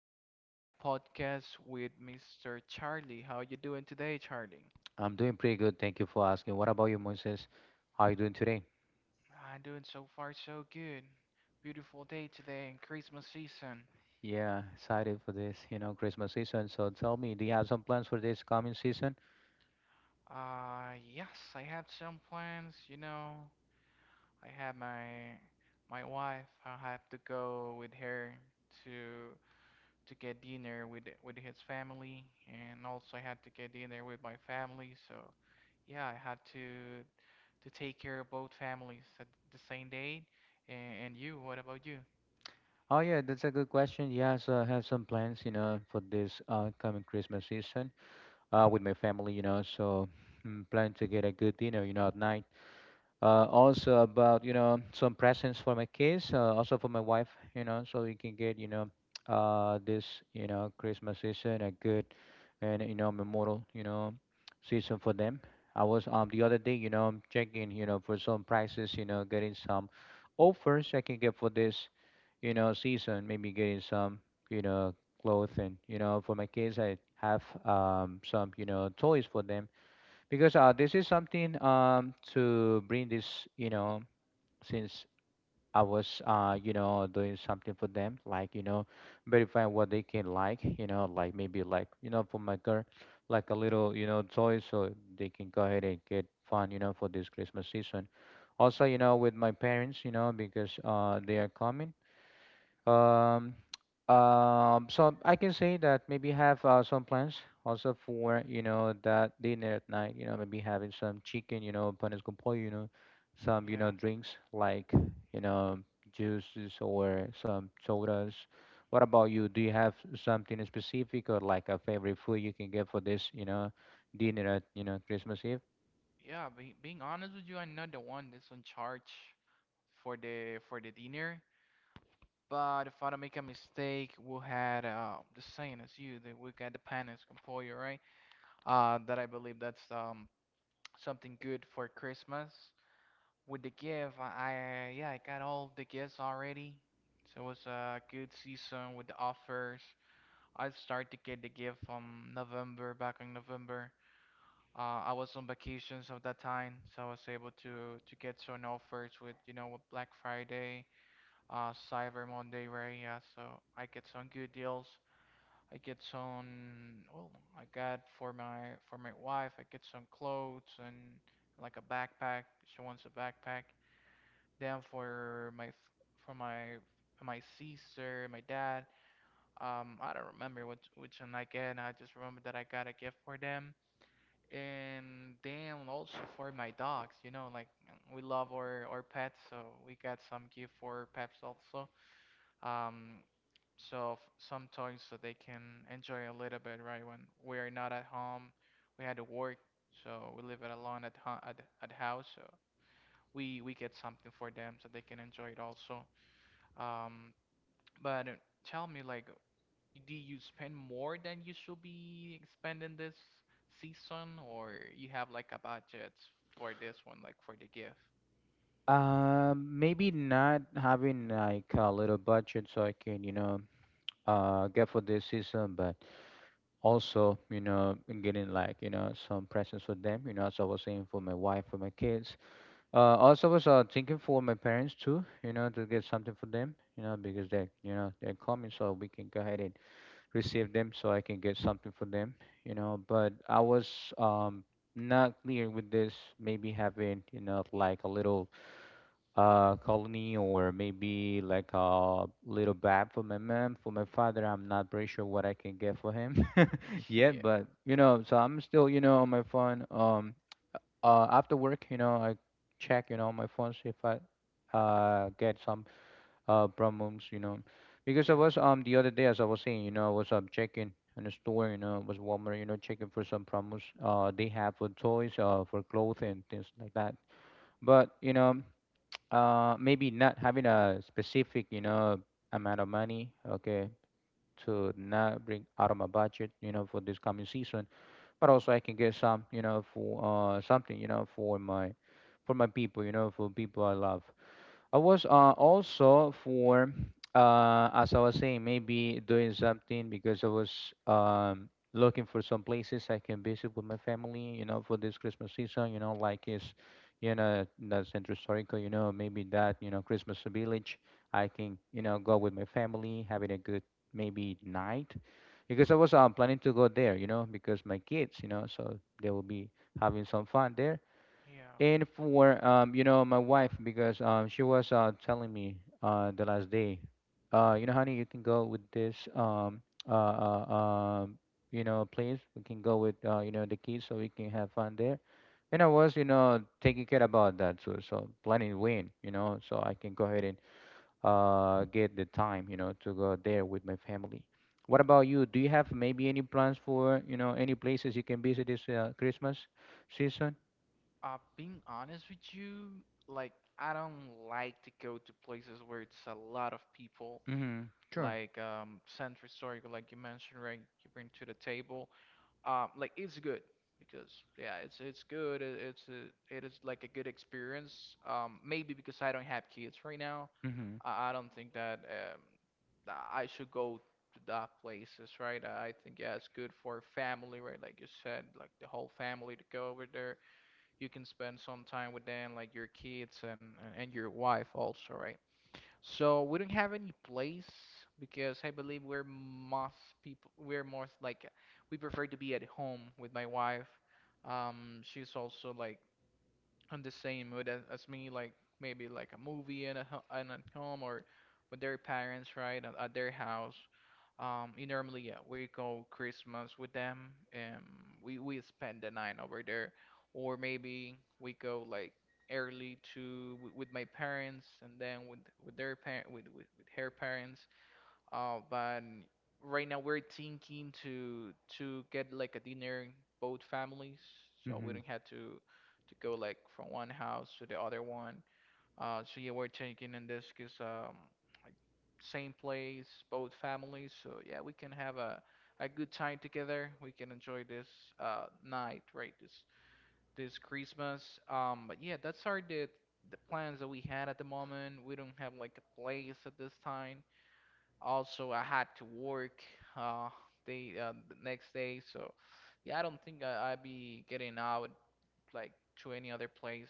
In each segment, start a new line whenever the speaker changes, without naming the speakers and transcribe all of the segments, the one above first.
back here at podcast with Mr. Charlie. How you doing today, Charlie?
I'm doing pretty good. Thank you for asking. What about you, Moses? How are you doing today?
I'm doing so far so good. Beautiful day today in Christmas season.
Yeah, excited for this, Christmas season. So tell me, do you have some plans for this coming season?
Yes, I have some plans. I have my wife. I have to go with her to get dinner with his family, and also I had to get dinner with my family. So yeah, I had to take care of both families at the same day. And you, what about you?
Oh yeah, that's a good question. Yes, I have some plans, for this coming Christmas season with my family. So plan to get a good dinner, at night. Also about some presents for my kids, also for my wife, so we can get, this, Christmas season, a good and, memorial, season for them. I was the other day, checking, for some prices, getting some offers I can get for this, season. Maybe getting some, you know clothes and, for my kids. I have some, toys for them because this is something to bring this, since I was doing something for them like, verifying what they can like, like maybe like, for my girl, like a little, toy so they can go ahead and get fun, for this Christmas season. Also, with my parents, because they are coming. um, so I can say that maybe have some plans also for, that dinner at night, maybe having some chicken, panes con pollo, some,
Yeah,
drinks like, you know, juices or some sodas. What about you? Do you have something specific or like a favorite food you can get for this, dinner at, Christmas Eve?
yeah. Being honest with you, I'm not the one that's in charge for the dinner. But if I don't make a mistake, we had the same as you, that we got the panes con pollo, right? That I believe that's something good for Christmas. With the gift, I yeah, I got all the gifts already. So it was a good season with the offers. I started to get the gift from November, back in November. I was on vacations at that time, so I was able to get some offers with Black Friday, Cyber Monday, right? Yeah, so I get some good deals. I get some, well, I got for my wife, I get some clothes and like a backpack. She wants a backpack. Then for my for my sister, my dad, I don't remember which one I get. I just remember that I got a gift for them. And then also for my dogs, you know, like we love our pets, so we got some gift for pets also. Um, some toys so they can enjoy a little bit, right? When we're not at home, we had to work, so we leave it alone at house. So we get something for them so they can enjoy it also. Um, but tell me, like, do you spend more than you should be spending this season, or you have like a budget for this one, like for the gift?
Maybe not having like a little budget so I can, get for this season, but also, getting like, some presents for them, as I was saying, for my wife, for my kids. Also was thinking for my parents too, to get something for them, because they're coming, so we can go ahead and receive them so I can get something for them, but I was not clear with this. Maybe having, like a little, colony, or maybe like a little bag for my mom, for my father. I'm not pretty sure what I can get for him yet,
Yeah,
but, so I'm still, on my phone. After work, I check, on my phone, see if I get some promos, because I
yeah,
was the other day, as I was saying, I was checking in the store, it was Walmart, checking for some promos they have for toys, for clothes and things like that. But, maybe not having a specific, amount of money, okay, to not bring out of my budget, for this coming season. But also I can get some, for something, for my people, for people I love. I was also for as I was saying, maybe doing something because I was looking for some places I can visit with my family, for this Christmas season, like is, the Centro Historico, maybe that, Christmas village I can, go with my family, having a good maybe night. Because I was planning to go there, because my kids, so they will be having some fun there.
yeah.
And for my wife, because she was telling me the last day, honey, you can go with this uh uh um please, we can go with the kids so we can have fun there. And I was, taking care about that too. So planning when, so I can go ahead and get the time, to go there with my family. What about you? Do you have maybe any plans for, any places you can visit this Christmas season?
Being honest with you, like, I don't like to go to places where it's a lot of people,
Mm-hmm. Sure.
like Century Circle, like you mentioned, right? You bring to the table. Like it's good because yeah it's good it is like a good experience maybe because I don't have kids right now
Mm-hmm.
I don't think that that I should go to that places, right? I think yeah it's good for family, right? Like you said, like the whole family to go over there, you can spend some time with them like your kids and and your wife also, right? So we don't have any place because I believe we're most people we're most like we prefer to be at home with my wife. She's also like on the same mood as me, like maybe like a movie and at home or with their parents, right, at their house. You normally yeah, we go Christmas with them, and we spend the night over there, or maybe we go like early to with my parents and then with with her parents, but right now we're thinking to get like a dinner, both families, so we
Mm-hmm.
don't have to go like from one house to the other one. So yeah, we're thinking in this case, like same place, both families. So yeah, we can have a good time together. We can enjoy this night, right? This Christmas. But yeah, that's our the plans that we had at the moment. We don't have like a place at this time. Also, I had to work uh, the next day, so yeah, I don't think I'd be getting out like to any other place.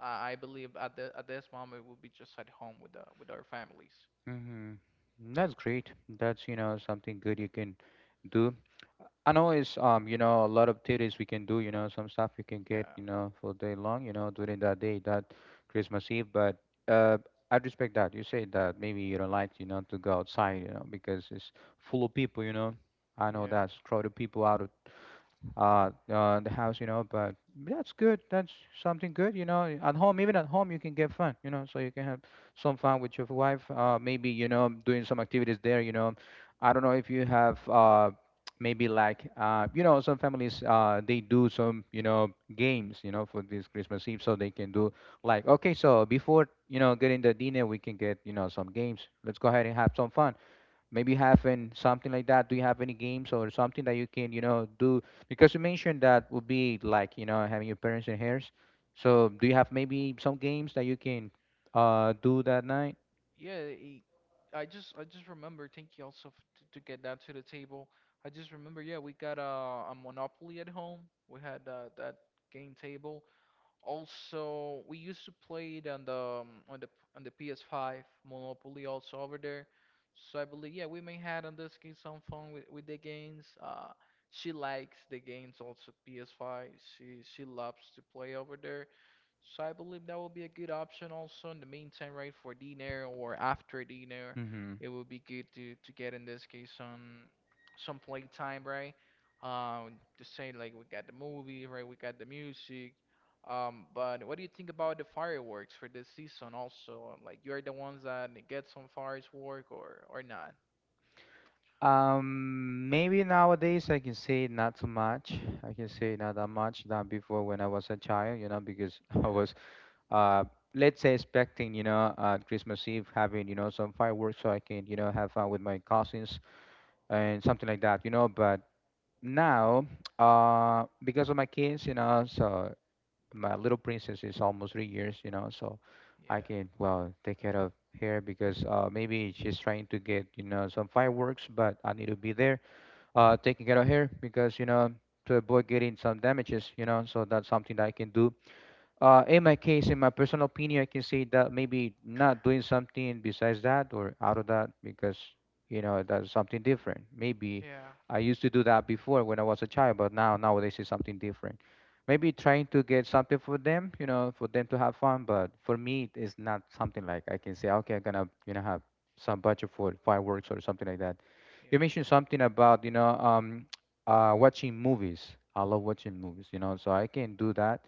I believe at the at this moment we'll be just at home with our families.
Mm-hmm. That's great. That's, something good you can do. I know it's a lot of theories we can do, some stuff you can get,
Yeah,
for day long, during that day, that Christmas Eve, but uh I respect that. You say that maybe you don't like, to go outside, because it's full of people. I know
yeah,
that's crowded people out, the house, but that's good. That's something good, at home. Even at home you can get fun, so you can have some fun with your wife, maybe, doing some activities there. I don't know if you have, maybe like, some families, they do some, games, for this Christmas Eve, so they can do like, okay, so before, getting the dinner, we can get, some games. Let's go ahead and have some fun. Maybe you have an something like that. Do you have any games or something that you can, do, because you mentioned that would be like, having your parents in here, so do
yeah,
you have maybe some games that you can do that night?
yeah. It, I just remember. Thank you also to get that to the table. I just remember. Yeah, we got a Monopoly at home. We had that game table. Also, we used to play it on the um, on the PS5 Monopoly also over there. So I believe yeah, we may had on this case some fun with the games. She likes the games also PS5. She loves to play over there. So I believe that would be a good option also in the meantime, right, for dinner or after dinner.
Mm-hmm.
It would be good to get in this case some playtime, right? Just say like we got the movie, right? We got the music. But what do you think about the fireworks for this season also? Like you're the ones that get some fireworks or not?
Maybe nowadays I can say not so much. I can say not that much than before when I was a child, because I
Yeah,
was, uh, let's say expecting, Christmas Eve, having, some fireworks so I can, have fun with my cousins and something like that. But now, because of my kids, so my little princess is almost 3 years, so
yeah,
I can well take care of her. Because maybe she's trying to get, some fireworks, but I need to be there, taking care of her because, to avoid getting some damages, so that's something that I can do, in my case, in my personal opinion. I can say that maybe not doing something besides that or out of that because, that's something different. Maybe
yeah,
I used to do that before when I was a child, but now nowadays it's something different. Maybe trying to get something for them, for them to have fun, but for me, it's not something like I can say, okay, I'm gonna, have some budget for fireworks or something like that. You
yeah,
mentioned something about, watching movies. I love watching movies, so I can do that,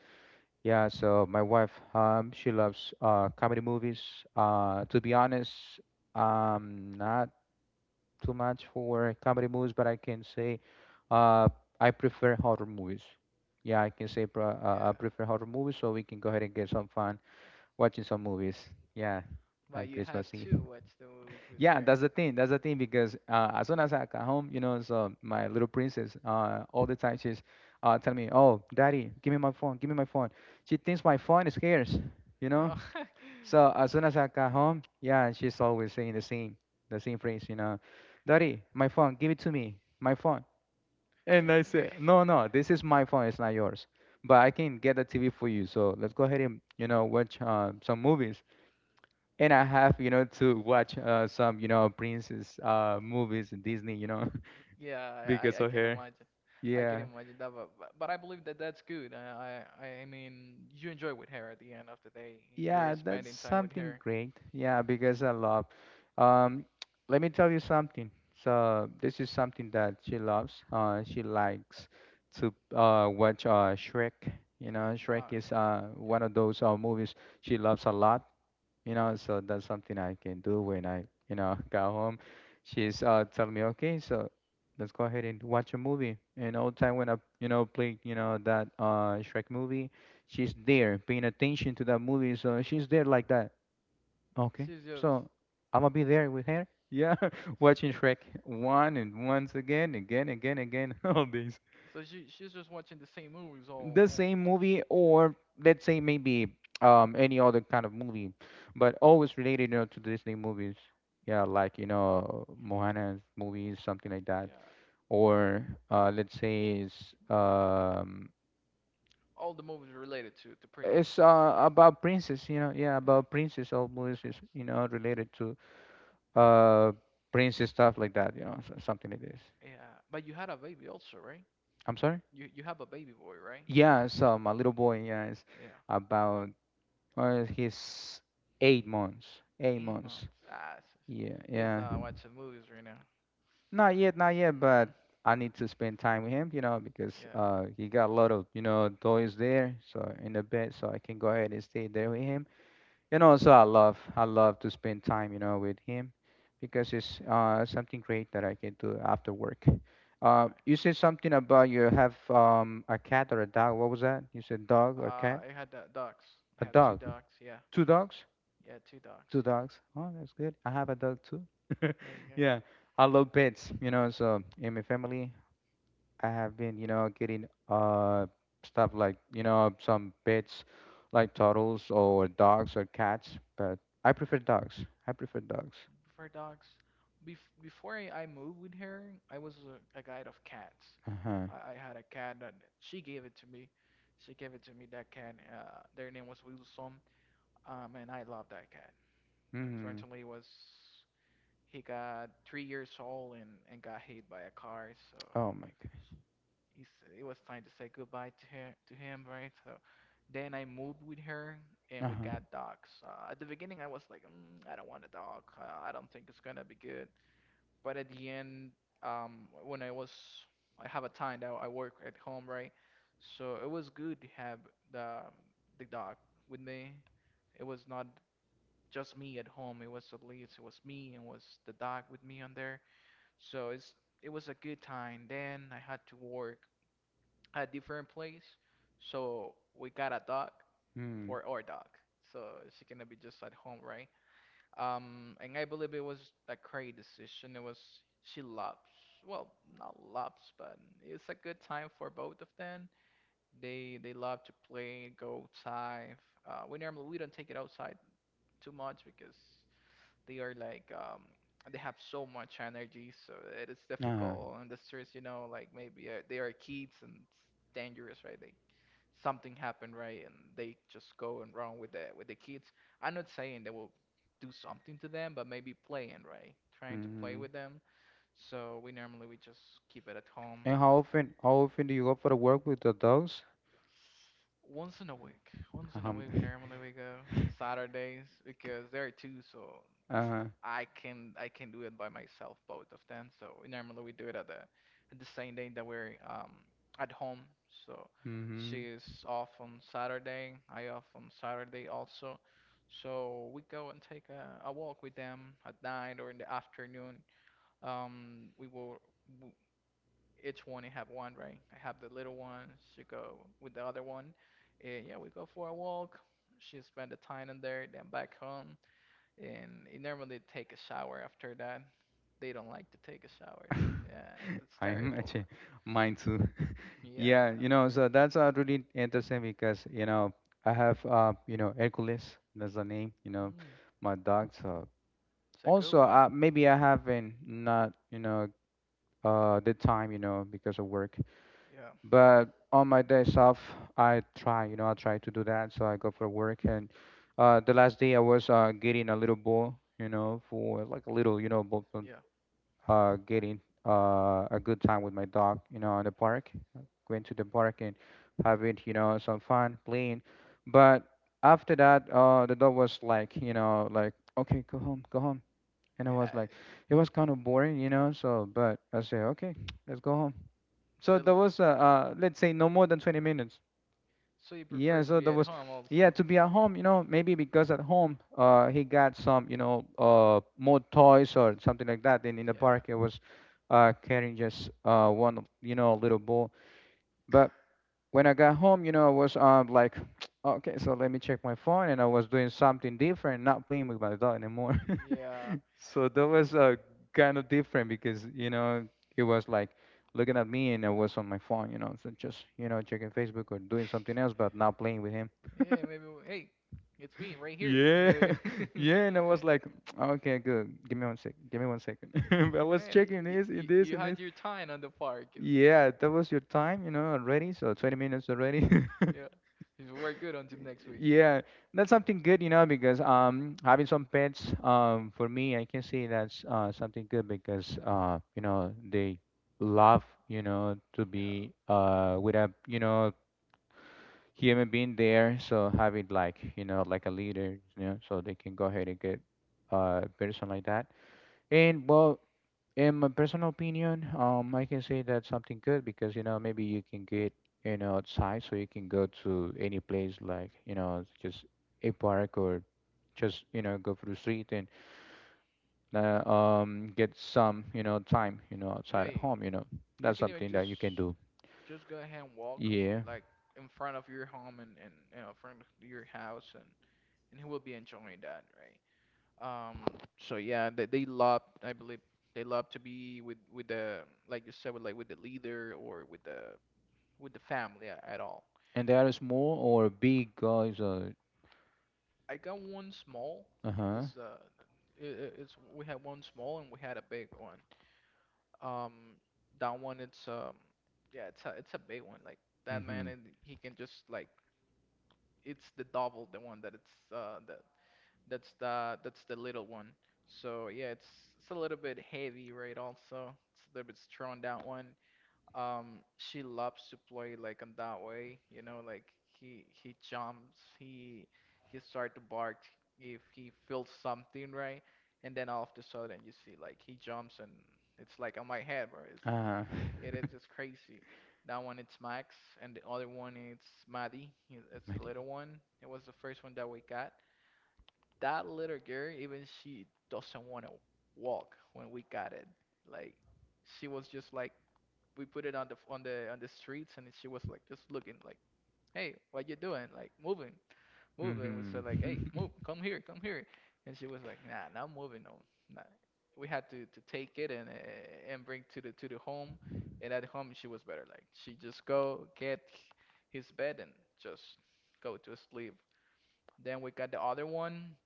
yeah. So my wife, she loves comedy movies. To be honest, not too much for comedy movies, but I can say, uh, I prefer horror movies. Yeah, I can say pro I
yeah.
prefer horror movies, so we can go ahead and get some fun watching some movies. Yeah,
But
at
you had
Christmas Eve.
to watch the movies with
Yeah,
her.
that's the thing. That's the thing because as soon as I got home, so my little princess, all the time she's, telling me, "Oh, Daddy, give me my phone, give me my phone." She thinks my phone is hers, you know.
Oh,
So as soon as I got home, yeah, she's always saying the same phrase, "Daddy, my phone, give it to me, my phone."
so,
And I
yeah.
say, "No, no, this is my phone. It's not yours, but I can get the TV for you. So let's go ahead and, watch some movies." And I have, to watch some, princess movies in Disney,
Yeah,
because
I
of
can
her.
imagine. I can
Yeah,
imagine that, but but I believe that that's good. I mean, you enjoy with her at the end of the day. You're
yeah, that's
spending time with
something
her.
great. Yeah, because I love. Um, Let me tell you something. So this is something that she loves. She likes to watch Shrek. You know, Shrek
Ah,
is
yeah.
one of those movies she loves a lot, you know, so that's something I can do when I got home. She's telling me, okay, so let's go ahead and watch a movie. And all the time when I play that Shrek movie, she's there paying attention to that movie. So she's there like that, okay,
She's just
so I'm gonna be there with her, yeah, watching Shrek one and once again, again, again, again, all day
so she's just watching the same movies
the
all
same movie. Or let's say maybe any other kind of movie, but always related, to Disney movies, yeah, like, Moana's movies, something like that,
yeah
or let's say it's um
all the movies related to princess.
it's uh, about princess, you know, yeah,
Yeah,
about princess. All movies is,
prince.
you know, related to uh princess stuff like that, you know. Something like this,
Yeah, but you had a baby also, right?
I'm sorry.
You have a baby boy, right?
Yeah, so my little boy, yeah, is
Yeah,
about he's eight months eight
eight
months
months. Ah, s-
Yeah,
he's
yeah.
not watching movies right now.
Not yet, not yet, but
Mm.
I need to spend time with him, you know, because
Yeah.
he got a lot of, you know, toys there, so in the bed, so I can go ahead and stay there with him. And also I love to spend time, you know, with him, because it's something great that I can do after work.
Alright.
You said something about you have a cat or a dog. What was that? You said dog or cat?
I had the dogs. I
A
have two
dog.
dogs. Yeah.
Two dogs?
Yeah, two dogs.
Two
Yeah.
dogs. Oh, that's good. I have a dog too.
Like,
Yeah, I love pets. You know, so in my family, I have been, you know, getting stuff like, some pets, like turtles or dogs or cats. But I prefer dogs. I prefer dogs.
prefer dogs. Before I moved with her, I was a guy of cats.
Uh huh.
I had a cat that she gave it to me. She gave it to me, that cat. Their name was Wilson. And I love that cat.
Mm.
Unfortunately, it was he got 3 years old and got hit by a car, so
Oh my god.
he's, it was time to say goodbye to her, to him, right? So then I moved with her, and
Uh
we
huh.
got dogs. At the beginning, I was like, I don't want a dog. I don't think it's gonna be good. But at the end, when I was, I have a time that I work at home, right? So it was good to have the dog with me. It was not just me at home. It was at least it was me and was the dog with me on there. So it's it was a good time. Then I had to work a different place. So we got a dog
Mm.
for our dog. So she cannot be just at home, right? And I believe it was a great decision. It was she loves, well, not loves, but it's a good time for both of them. They love to play, go outside. We normally we don't take it outside too much because they are like they have so much energy, so it is
Uh huh.
difficult on the streets, you know, like maybe they are kids and it's dangerous, right? They something happened, right? And they just go and run with the kids. I'm not saying they will do something to them, but maybe playing, right? Trying to play
Mm.
with them. So we normally we just keep it at home.
And how often? How often do you go for a walk with the dogs?
Once in a week. Once in a
Um.
week we normally we go on Saturdays because there are two, so
Uh
this,
huh.
I can do it by myself, both of them. So we normally we do it at the same day that we're at home. So
Mm-hmm.
she is off on Saturday, I off on Saturday also. So we go and take a walk with them at night or in the afternoon. Um, we will. w- each one I have one, right? I have the little one. She go with the other one. And yeah, we go for a walk. She spend the time in there, then back home. And it normally take a shower after that. They don't like to take a shower. Yeah, that's
I am
terrible, bro.
actually, mine too. Yeah,
Yeah.
you know, so that's really interesting, because, you know, I have, you know, Hercules, that's the name, you know,
Mm,
my dog. So
it's a good
also,
one.
maybe I haven't not, you know, the time, you know, because of work.
Yeah,
But on my days off, I try, you know, I try to do that. So I go for work, and the last day I was getting a little ball, you know, for like a little, you know, ball,
yeah,
getting a good time with my dog, you know, in the park, going to the park and having, some fun playing. But after that, the dog was like, you know, like, okay, go home, go home, and I
yeah.
was like, it was kind of boring, you know, so, but I said, okay, let's go home. So
So,
there was, let's say, no more than 20 minutes,
so he
yeah,
prefers to
so
be
there
at
was,
home also.
yeah, to be at home, you know, maybe because at home he got some, you know, more toys or something like that, and in the
Yeah,
park it was carrying just one, you know, little ball. But when I got home, you know, I was like, okay, so let me check my phone, and I was doing something different, not playing with my dog anymore.
yeah,
So that was kind of different, because, you know, it was like looking at me, and I was on my phone, you know, so just, checking Facebook or doing something else, but not playing with him.
yeah. Maybe. Hey, it's me right here.
Yeah,
Yeah, yeah.
yeah, and I was like, okay, good. Give me one sec. Give me one second. But I was
Man,
checking this and this
you
and
had
this.
your time on the park.
Yeah, that was your time, you know, already. So 20 minutes already.
Yeah, it's very good until next week.
Yeah, that's something good, you know, because having some pets, for me I can say that's something good, because you know, they love, you know, to
Yeah,
be with a, you know, human being there, so having, like, you know, like a leader, you know, so they can go ahead and get person like that. And well, in my personal opinion, I can say that's something good, because, you know, maybe you can get, outside, so you can go to any place like, just a park or just, go through the street, and get some, you know, time, you know,
yeah.
outside at home. You know,
You
that's
can even
something that you can do.
just go ahead and walk
Yeah,
like in front of your home and front of your house and he will be enjoying that, right? Um. So yeah, they love. I believe they love to be with the like you said with like with the leader or with the family at all.
and there are small or big guys. Uh
I got one small.
huh.
This uh, it's we had one small and we had a big one. Um, that one it's yeah, it's a big one. Like that, man,
Mm-hmm.
and he can just like it's the double the one that it's that that's the little one. So yeah, it's a little bit heavy, right? Also, it's a little bit strong, that one. She loves to play like in that way, you know, like he jumps, he start to bark if he feels something, right? And then all of a sudden you see like he jumps and it's like on my head, bro.
Huh.
It is just crazy. That one it's Max, and the other one it's Maddie. It's the little one. It was the first one that we got. That little girl, even she doesn't want to walk when we got it. Like she was just like we put it on the on the on the streets, and she was like just looking like, "Hey, what you doing? Like moving, moving." We said like, "Hey,
Mm-hmm.
move, come here," and she was like, "Nah, not moving. No, nah." We had to take it and bring to the home, and at home she was better. Like she just go get his bed and just go to sleep. Then we got the other one,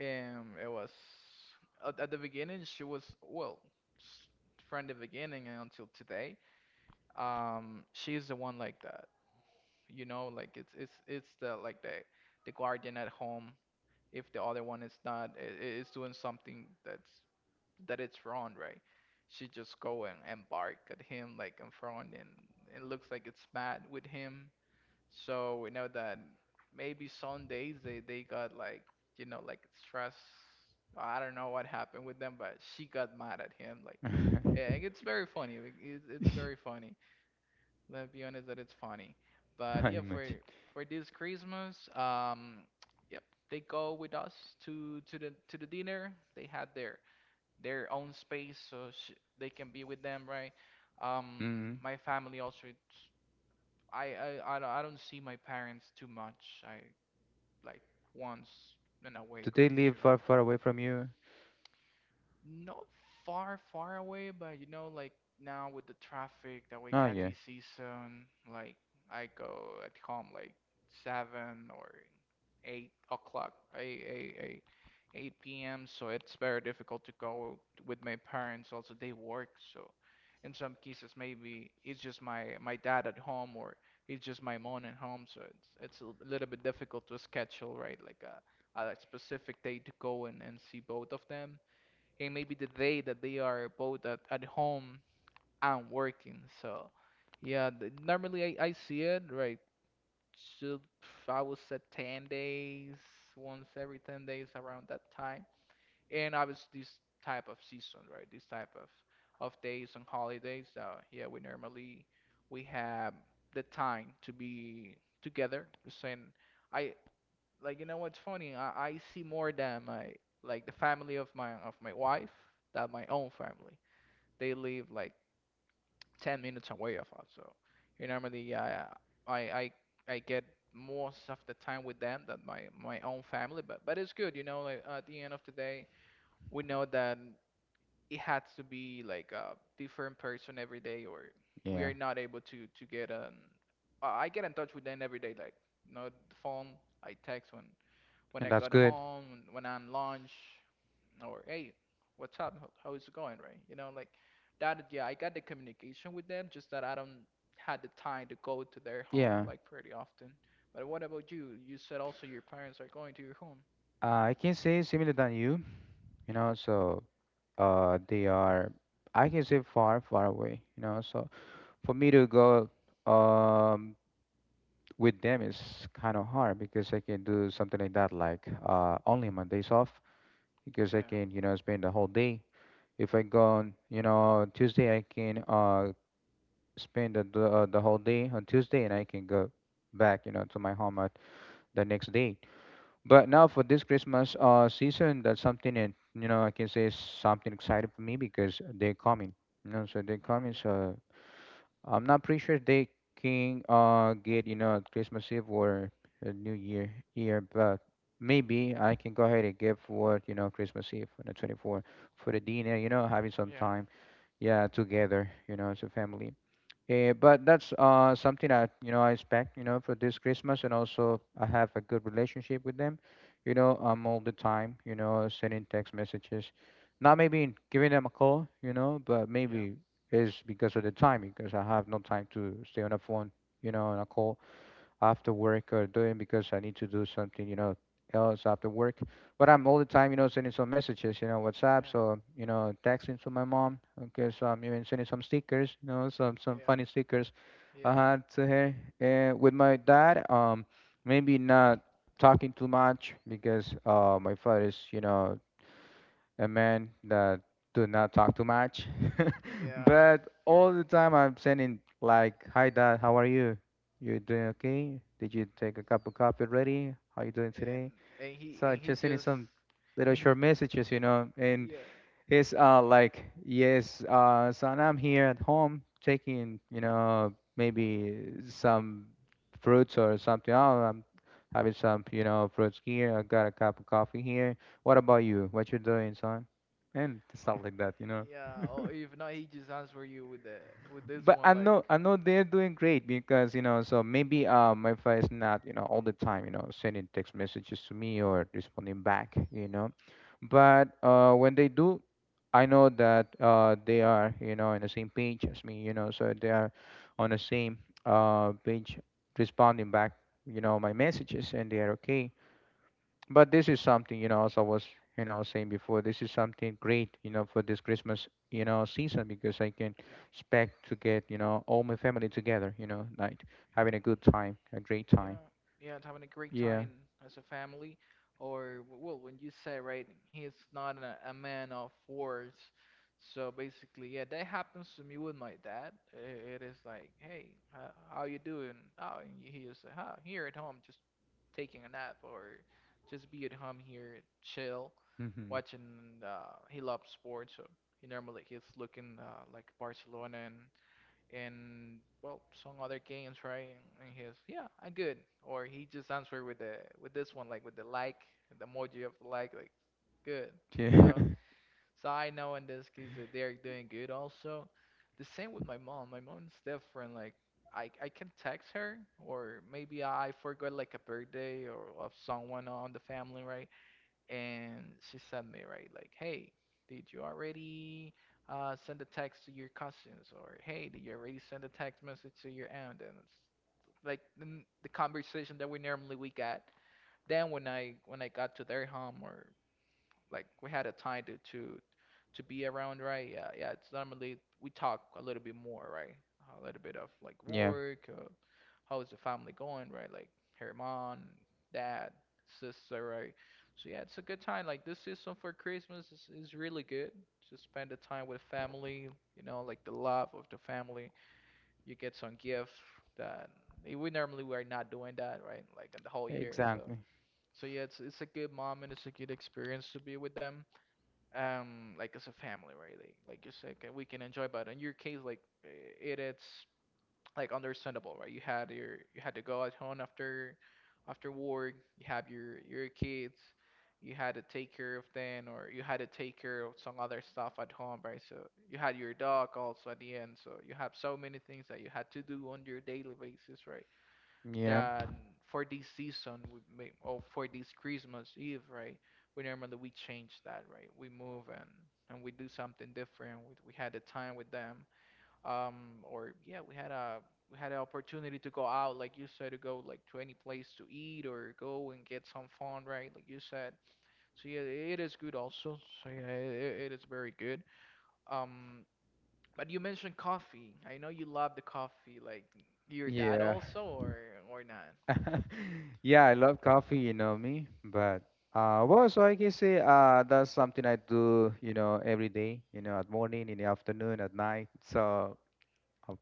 and it was at the beginning she was well s- from the beginning until today, she's the one like that, you know, like it's the like the guardian at home. If the other one is not is doing something that's that it's wrong, right, she just go and bark at him like in front, and it looks like it's mad with him. So we know that maybe some days they got, like, you know, like stress. I don't know what happened with them, but she got mad at him, like, yeah. It's very funny. It's it's very funny. Let's be honest that it's funny. But yeah,
Ay,
for
much.
this Christmas, yep, they go with us to to the dinner. They had their own space, so sh they can be with them, right?
Mm-hmm.
My family also. It's, I, I don't I don't see my parents too much. I, like, once in a
Do
week
they
or
live
two.
far, far away from you?
Not far, far away, but you know, like now with the traffic that we
Oh,
got
yeah,
this season, like I go at home like seven or eight o'clock, 8 p.m. So it's very difficult to go with my parents. Also, they work, so in some cases maybe it's just my dad at home or it's just my mom at home. So it's a little bit difficult to schedule, right? Like a specific day to go and see both of them, and maybe the day that they are both at home and working. So, yeah, normally I see it right. Should I would say 10 days, once every 10 days around that time. And obviously this type of season, right? This type of days and holidays. Yeah, we have the time to be together. Saying I like, you know what's funny? I see more than my like the family of my wife than my own family. They live like 10 minutes away of us, so you know, normally I I, I get most of the time with them than my own family. But it's good, you know. Like at the end of the day, we know that it has to be like a different person every day, or we
yeah,
are not able to get I get in touch with them every day, like you know, the phone. I text when
and
I
that's
got
good.
home, when I'm lunch, or hey, what's up? How is it going, right? You know, like that. Yeah, I got the communication with them, just that I don't had the time to go to their home
Yeah,
like pretty often. But what about you? You said also your parents are going to your home.
I can say similar than you, you know, so they are, I can say, far, far away, you know, so for me to go, um, with them is kind of hard, because I can do something like that, like, only my days off, because I
Yeah.
can, you know, spend the whole day. If I go on, you know, Tuesday, I can spend the whole day on Tuesday, and I can go back, you know, to my home at the next day. But now for this Christmas season, that's something, and, you know, I can say is something exciting for me, because they're coming, you know, so they're
Oh
coming.
yeah.
So I'm not pretty sure they can get, you know, Christmas Eve or New Year, but maybe I can go ahead and give for, you know, Christmas Eve on the 24th for the dinner, you know, having some
Yeah.
time, yeah, together, you know, as a family. Eh, but that's something I expect, you know, for this Christmas. And also I have a good relationship with them, you know, all the time, you know, sending text messages, not maybe giving them a call, you know, but
Yeah.
maybe it's because of the time, because I have no time to stay on the phone, you know, on a call after work or doing, because I need to do something, you know, else after work. But I'm all the time, you know, sending some messages, you know, WhatsApp, so, you know, texting to my mom. Okay, so I'm even sending some stickers, you know, some
Yeah.
funny stickers
Yeah.
I
Yeah.
had to her. And with my dad, maybe not talking too much, because my father is, you know, a man that do not talk too much,
Yeah.
but all the time I'm sending like, "Hi Dad, how are you? You doing okay? Did you take a cup of coffee already? How you doing
And
today?"
and he
So
and
I
he
just sending
just
some little
and he
short messages, you know, and
yeah,
it's like, yes, son, I'm here at home taking, you know, maybe some fruits or something. Oh, I'm having some, you know, fruits here. I got a cup of coffee here. What about you? What you doing, son? And stuff like that, you know.
yeah. Or if not, he just answer you with the with this
But
one
I
like
know I know they're doing great, because, you know, so maybe my wife is not, you know, all the time, you know, sending text messages to me or responding back, you know, but when they do, I know that they are, you know, on the same page as me, you know, so they are on the same page responding back, you know, my messages, and they are okay. But this is something, you know, as I was, you know, saying before, this is something great, you know, for this Christmas, you know, season, because I can
yeah.
expect to get, you know, all my family together, you know, like having a good time, a great time.
Yeah, yeah, and having a great
Yeah.
time as a family. Or, well, when you say, right, he is not a man of words. So basically, yeah, that happens to me with my dad. It is like, hey, how you doing? Oh, and he just huh, here at home, just taking a nap or just be at home here, chill,
Mm-hmm.
watching. He loves sports, so he normally he's looking, like Barcelona, and, well, some other games, right. And he's, yeah, I'm good. Or he just answered with the with this one, like with the like the emoji of the, like good, you
Yeah.
know. So I know in this case that they're doing good. Also the same with my mom. My mom's different. Like I can text her, or maybe I forgot like a birthday or of someone on the family, right, and she sent me, right, like, hey, did you already send a text to your cousins, or hey, did you already send a text message to your aunt? And it's like the conversation that we normally we got then when I got to their home, or like we had a time to to be around, right? Yeah, yeah. It's normally we talk a little bit more, right? A little bit of, like,
Yeah.
work, how is the family going, right? Like her mom, dad, sister, right? So yeah, it's a good time. Like this season for Christmas is really good. Just spend the time with family, you know, like the love of the family. You get some gift that we normally we are not doing that, right? Like in the whole year. So
Exactly.
yeah, it's a good moment. It's a good experience to be with them, like as a family, right? Like you said, okay, we can enjoy. But in your case, like, it it's like understandable, right. You had your, you had to go at home after work, you have your kids, you had to take care of them or you had to take care of some other stuff at home, right. So you had your dog also at the end, so you have so many things that you had to do on your daily basis, right,
Yeah.
that for this season we may, or for this Christmas Eve, right. We normally we change that, right. We move and we do something different. We had a time with them, um, or yeah, we had a we had an opportunity to go out, like you said, to go like to any place to eat or go and get some fun, right? Like you said. So yeah, it is good also. So yeah, it is very good. Um, but you mentioned coffee. I know you love the coffee, like your dad
Yeah.
also, or not?
Yeah, I love coffee, you know me, but well, so I can say that's something I do, you know, every day, you know, at morning, in the afternoon, at night. So of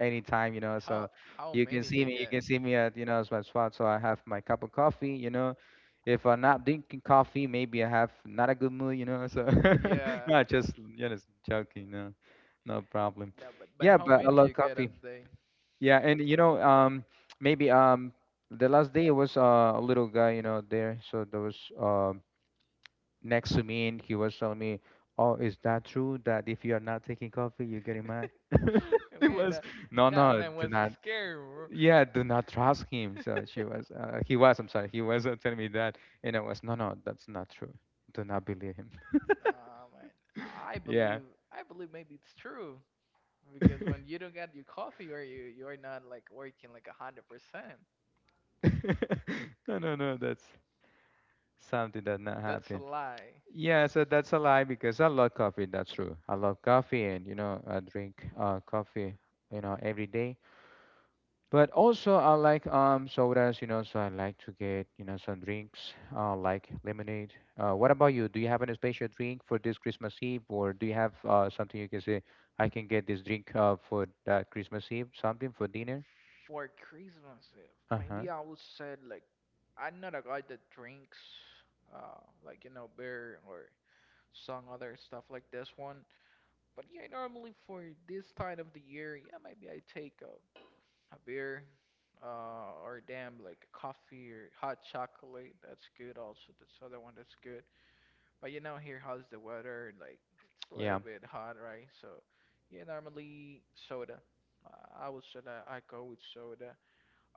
anytime, you know.
How
So
how
you can
many
see
you
me, you
get?
can see me at, you know, it's my spot. So I have my cup of coffee, you know. If I'm not drinking coffee, maybe I have not a good mood, you know. So
Yeah.
no, just, you know, just joking, no, no problem.
No, but
Yeah,
how
but I
many
love
you get on
coffee.
the day?
Yeah, and, you know, maybe the last day was a little guy, you know, there. So there was, next to me, and he was telling me. Oh, is that true that if you are not taking coffee, you're getting mad?
I
It
mean
was,
that
no, no,
man
do
was
not,
scary, bro.
yeah, do not trust him. So she was he was, I'm sorry, he was telling me that, and I was, no, no, that's not true, do not believe him.
Nah, man. I
Yeah,
believe maybe it's true, because when you don't get your coffee or you're not like working like 100%.
no, no, no, that's something that not
That's a
happened,
lie.
yeah, so that's a lie, because I love coffee. That's true, I love coffee, and, you know, I drink coffee, you know, every day. But also, I like sodas, you know, so I like to get, you know, some drinks, like lemonade. What about you? Do you have any special drink for this Christmas Eve, or do you have something you can say, I can get this drink for that Christmas Eve, something for dinner?
For Christmas, Eve,
Uh-huh.
maybe I would say like I'm not a guy that drinks, like, you know, beer or some other stuff like this one. But yeah, normally for this time of the year, yeah, maybe I take a beer or damn, like a coffee or hot chocolate. That's good also. That's other one that's good. But you know, here how's the weather? Like it's a little
Yeah.
bit hot, right? So yeah, normally soda. I would say that I go with soda.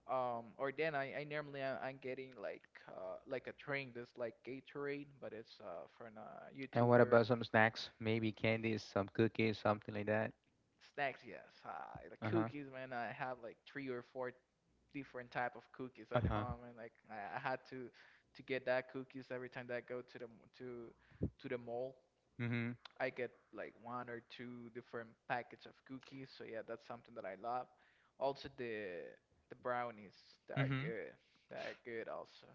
Or then I normally I'm getting like a drink that's like Gatorade, but it's from a
And what
YouTuber.
about some snacks? Maybe candies, some cookies, something like that.
Snacks, yes. The
Uh-huh.
cookies, man. I have like three or four different type of cookies at
Uh-huh.
home, and like I had to get that cookies every time that I go to the to the mall.
Mm-hmm.
I get like one or two different packets of cookies. So yeah, that's something that I love. Also the brownies, they are
Mm-hmm.
good. They are good also.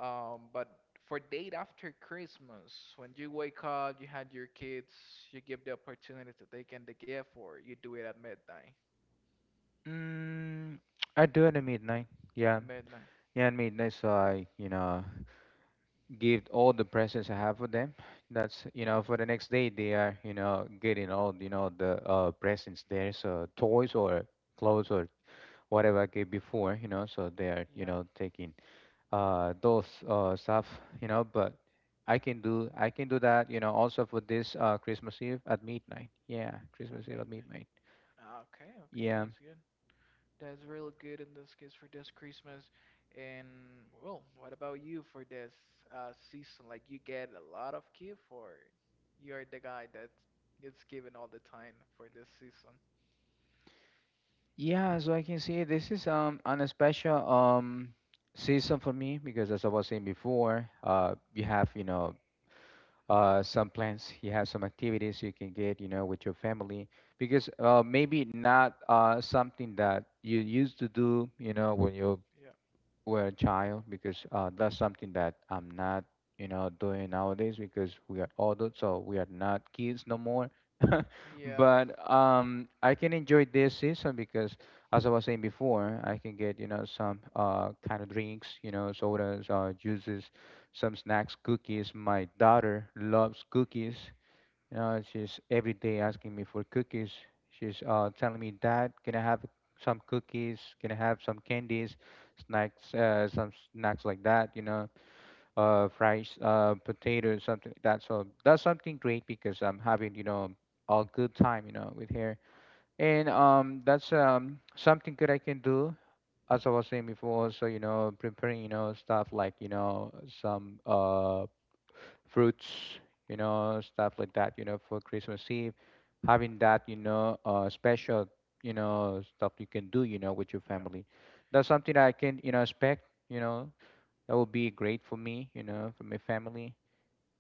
But for date after Christmas, when you wake up, you had your kids, you give the opportunity to take in the gift, or you do it at midnight.
Mm, I do it at midnight. Yeah.
At midnight.
Yeah, at midnight, so I give all the presents I have for them. That's for the next day they are getting all the presents there, so toys or clothes or whatever I gave before. So they are
Yeah,
taking those stuff. But I can do that. Also for this Christmas Eve at midnight. Yeah,
at
Christmas Eve at
midnight.
midnight.
Ah, okay, okay,
Yeah.
that's good. That's really good in this case for this Christmas. And well, what about you for this season? Like you get a lot of gift, or you're the guy that gets given all the time for this season?
Yeah, so I can see this is on a special season for me because as I was saying before, you have, some plans you have some activities you can get with your family because maybe not something that you used to do when you're
Yeah.
were a child because that's something that I'm not doing nowadays because we are adults, so we are not kids no more.
Yeah.
But I can enjoy this season because, as I was saying before, I can get, some kind of drinks, sodas, juices, some snacks, cookies. My daughter loves cookies. She's every day asking me for cookies. She's telling me, Dad, can I have some cookies? Can I have some candies, snacks, some snacks like that? Fries, potatoes, something like that. So that's something great because I'm having, a good time, with her. And that's something good I can do as I was saying before, also preparing stuff like some fruits, stuff like that, for Christmas Eve, having that special stuff you can do with your
Yeah.
family. That's something that I can expect that would be great for me for my family.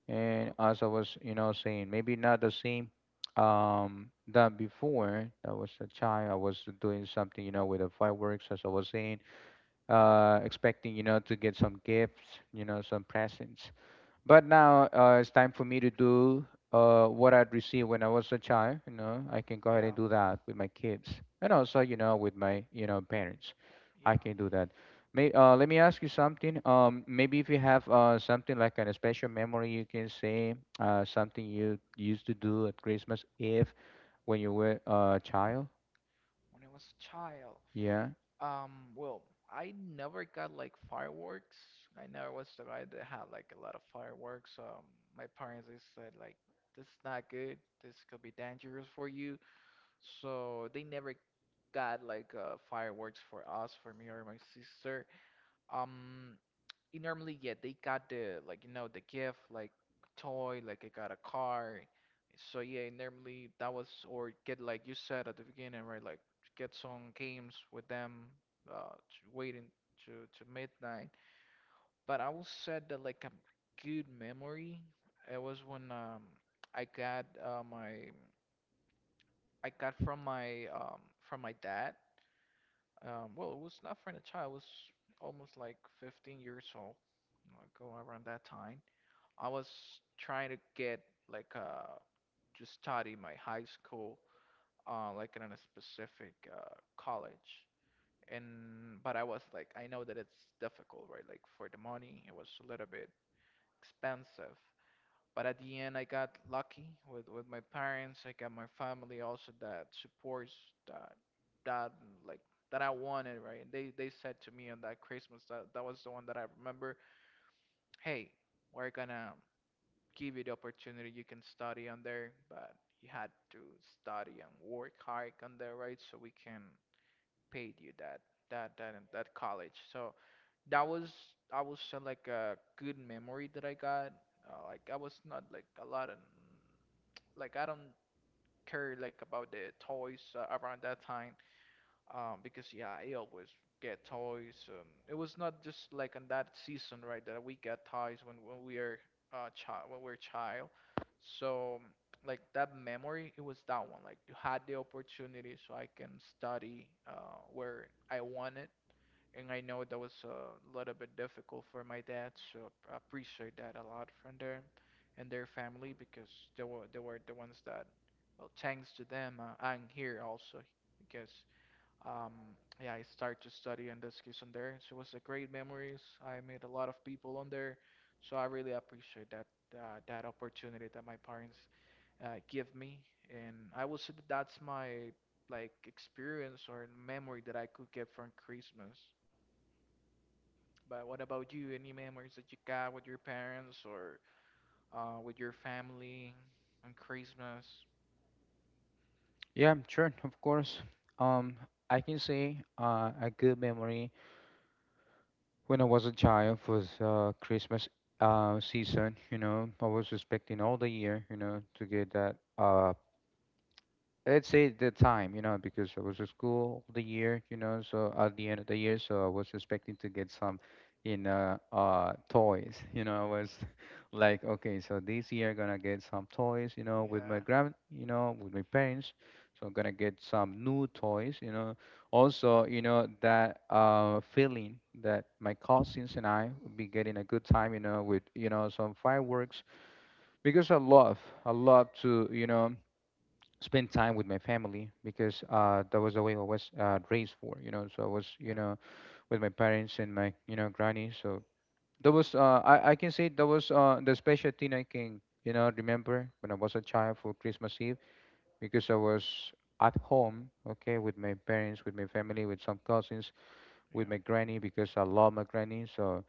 And as I
Okay.
was saying, maybe not the same that before. That was a child. I was doing something with the fireworks as I was saying expecting, to get some gifts, some presents. But now it's time for me to do what I'd received when I was a child. I can go ahead
Yeah.
and do that with my kids, and also, with my parents.
Yeah.
I can do that. Let me ask you something. Maybe if you have something like an special memory, you can say something you used to do at Christmas Eve when you were a child.
When I was a child.
Yeah.
Well, I never got like fireworks. I never was the guy that had like a lot of fireworks. My parents, they said like, this is not good. This could be dangerous for you. So they never got like fireworks for us, for me or my sister. Um, you normally, yeah, they got the, like the gift like toy, like I got a car, so yeah, normally that was, or get like you said at the beginning, right, like get some games with them to waiting to to midnight. But I will say that, like, a good memory, it was when I got my I got from my from my dad. Well, it was not from a child, it was almost like 15 years old, like go around that time. I was trying to get like to study my high school, like in a specific college. And but I was like, I know that it's difficult, right? Like for the money, it was a little bit expensive. But at the end, I got lucky with my parents. I got my family also that supports that that like that I wanted, right? And they said to me on that Christmas that that was the one that I remember, "Hey, we're gonna give you the opportunity you can study on there, but you had to study and work hard on there, right? So we can pay you that college." So that was, I was, like a good memory that I got. Like I was not like a lot of, like, I don't care like about the toys around that time. Because yeah, I always get toys. It was not just like in that season, right, that we get toys when we are child, when we're child. So like that memory, it was that one. Like, you had the opportunity, so I can study where I wanted, and I know that was a little bit difficult for my dad, so I appreciate that a lot from them and their family, because they were the ones that, well, thanks to them, I'm here also because. Um, yeah, I started to study and discuss on there. So it was a great memories. I met a lot of people on there, so I really appreciate that that opportunity that my parents give me. And I would say that that's my like experience or memory that I could get from Christmas. But what about you? Any memories that you got with your parents or with your family on Christmas?
Yeah, sure, of course. Um, I can say a good memory when I was a child was Christmas season. I was expecting all the year, to get that let's say the time, because I was at school all the year, so at the end of the year, so I was expecting to get some, toys. I was like, okay, so this year I'm gonna get some toys, with my
Yeah,
with my parents. So I'm gonna get some new toys. Also, that feeling that my cousins and I would be getting a good time, with, some fireworks because I love to spend time with my family because that was the way I was raised for. So I was, you
yeah.
know, with my parents and my granny. So I can say that was the special thing I can, remember when I was a child for Christmas Eve because I was at home, okay, with my parents, with my family, with some cousins, with my
Yeah.
granny because I love my granny. So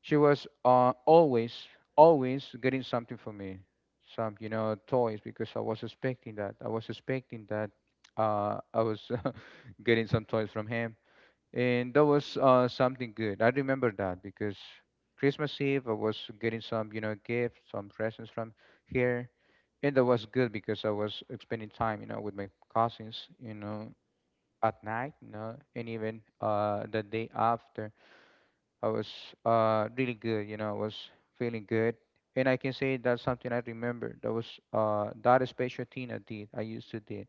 she was always, always getting something for me, some toys because I was expecting that. I was expecting that I was getting some toys from him, and that was something good. I remember that because Christmas Eve I was getting some gifts, some presents from here, and that was good because I was spending time with my cousins, at night, and even the day after I was really good. I was feeling good. And I can say that's something I remember. That was that special thing I did. I used to do.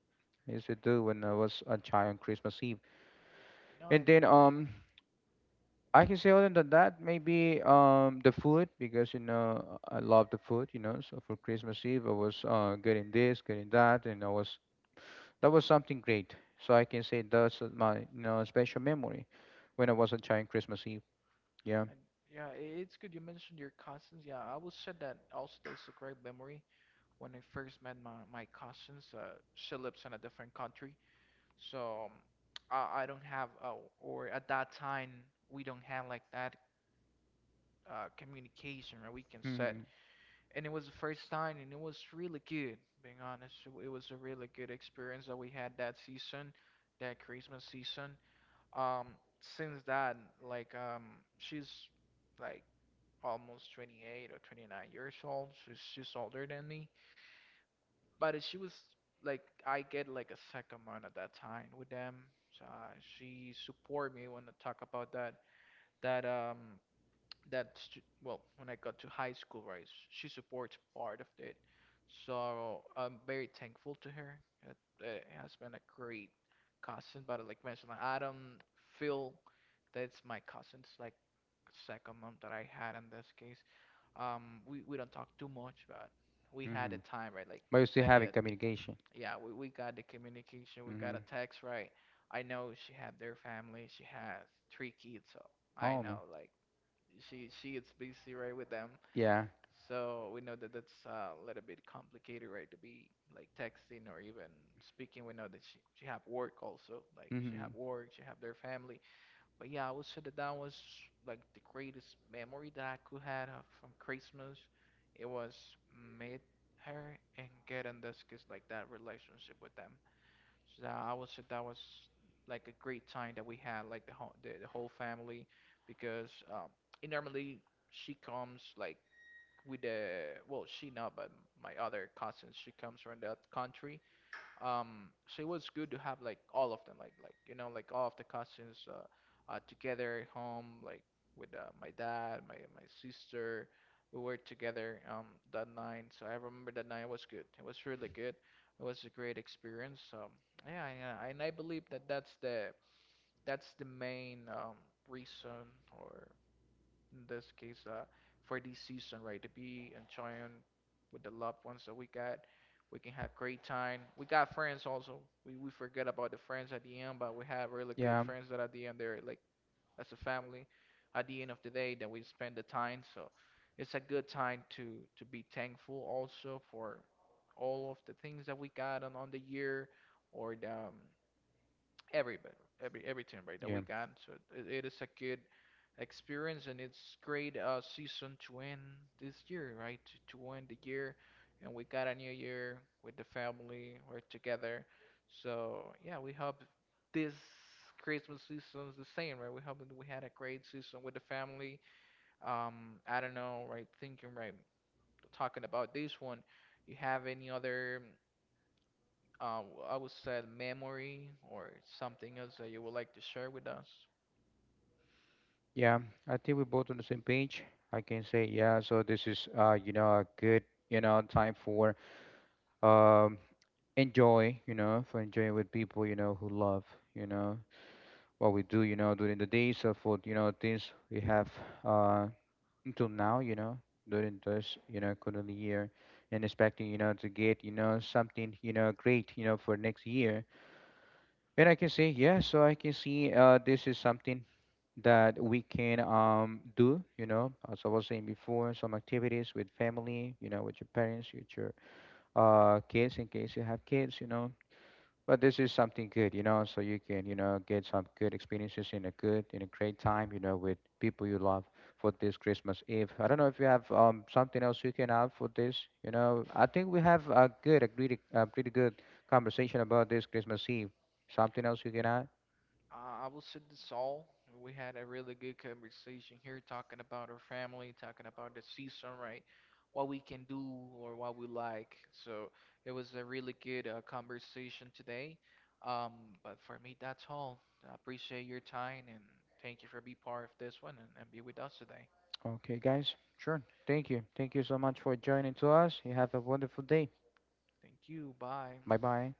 I used to do when I was a child on Christmas Eve.
No,
And
and, and
then I can say other than that, maybe the food because I love the food. So for Christmas Eve I was getting this, getting that, and I was that was something great. So I can say that's my special memory when I was a child on Christmas Eve. Yeah.
and yeah, it's good you mentioned your cousins. Yeah, I would say that also that's a great memory. When I first met my cousins, she lives in a different country, so I don't have or at that time we don't have like that communication where we can set.
Hmm,
And it was the first time, and it was really good. Being honest, it was a really good experience that we had that season, that Christmas season. Um, since that, like, she's like almost 28 or 29 years old. She's older than me, but she was like, I get like a second month at that time with them. So, she support me when I talk about that um well, when I got to high school, right, she supports part of it. So I'm very thankful to her. It, it has been a great cousin. But like mentioned, like, I don't feel that's my cousin's, like, second mom that I had in this case. We don't talk too much, but we had
hmm.
a time, right? Like
But you still
Sandy
having
had,
communication.
yeah, we got the communication, we got
Mm-hmm.
a text, right? I know she had their family, she has three kids, so I
Oh man.
know, like, she is busy, right, with them.
Yeah.
So we know that that's a little bit complicated, right? To be like texting or even speaking. We know that she have work also, like she
Mm-hmm.
have work, she have their family. But yeah, I would say that that was like the greatest memory that I could had from Christmas. It was meet her and get in this case like that relationship with them. So I would say that was like a great time that we had, like the whole the whole family, because it normally she comes. So it was good to have like all of them, like all of the cousins together at home, like with my dad, my sister. We were together that night. So I remember that night was good, it was really good, it was a great experience. So yeah, and I believe that that's the main reason, or in this case, for this season, right? To be enjoying with the loved ones that we got. We can have great time. We got friends also. We forget about the friends at the end, but we have really good
Yeah.
friends that at the end they're like as a family at the end of the day that we spend the time. So it's a good time to be thankful also for all of the things that we got on the year, or the, every bit- every team, right, that
Yeah.
we got. So it is a good experience and it's great season to end this year, right? To end the year, and we got a new year with the family. We're together, so yeah, we hope this Christmas season is the same, right? We hope that we had a great season with the family. I don't know, right? Thinking, right? Talking about this one, you have any other uh, I would say memory or something else that you would like to share with us?
Yeah. I think we're both on the same page. I can say yeah. So this is a good time for um enjoy you know for enjoying with people who love you know what we do during the day. So for things we have uh until now during this current year and expecting to get something great for next year. And I can say, yeah, so I can see this is something that we can do, as I was saying before, some activities with family, with your parents, with your kids, in case you have kids. But this is something good, so you can get some good experiences in a great time, with people you love for this Christmas Eve. I don't know if you have something else you can add for this. I think we have a pretty good conversation about this Christmas Eve. Something else you can add?
I would say this all. We had a really good conversation here, talking about our family, talking about the season, right? What we can do or what we like. So it was a really good conversation today. Um, but for me, that's all. I appreciate your time and thank you for being part of this one, and be with us today.
Okay, guys. Sure. Thank you. Thank you so much for joining to us. You have a wonderful day.
Thank you. Bye.
Bye bye.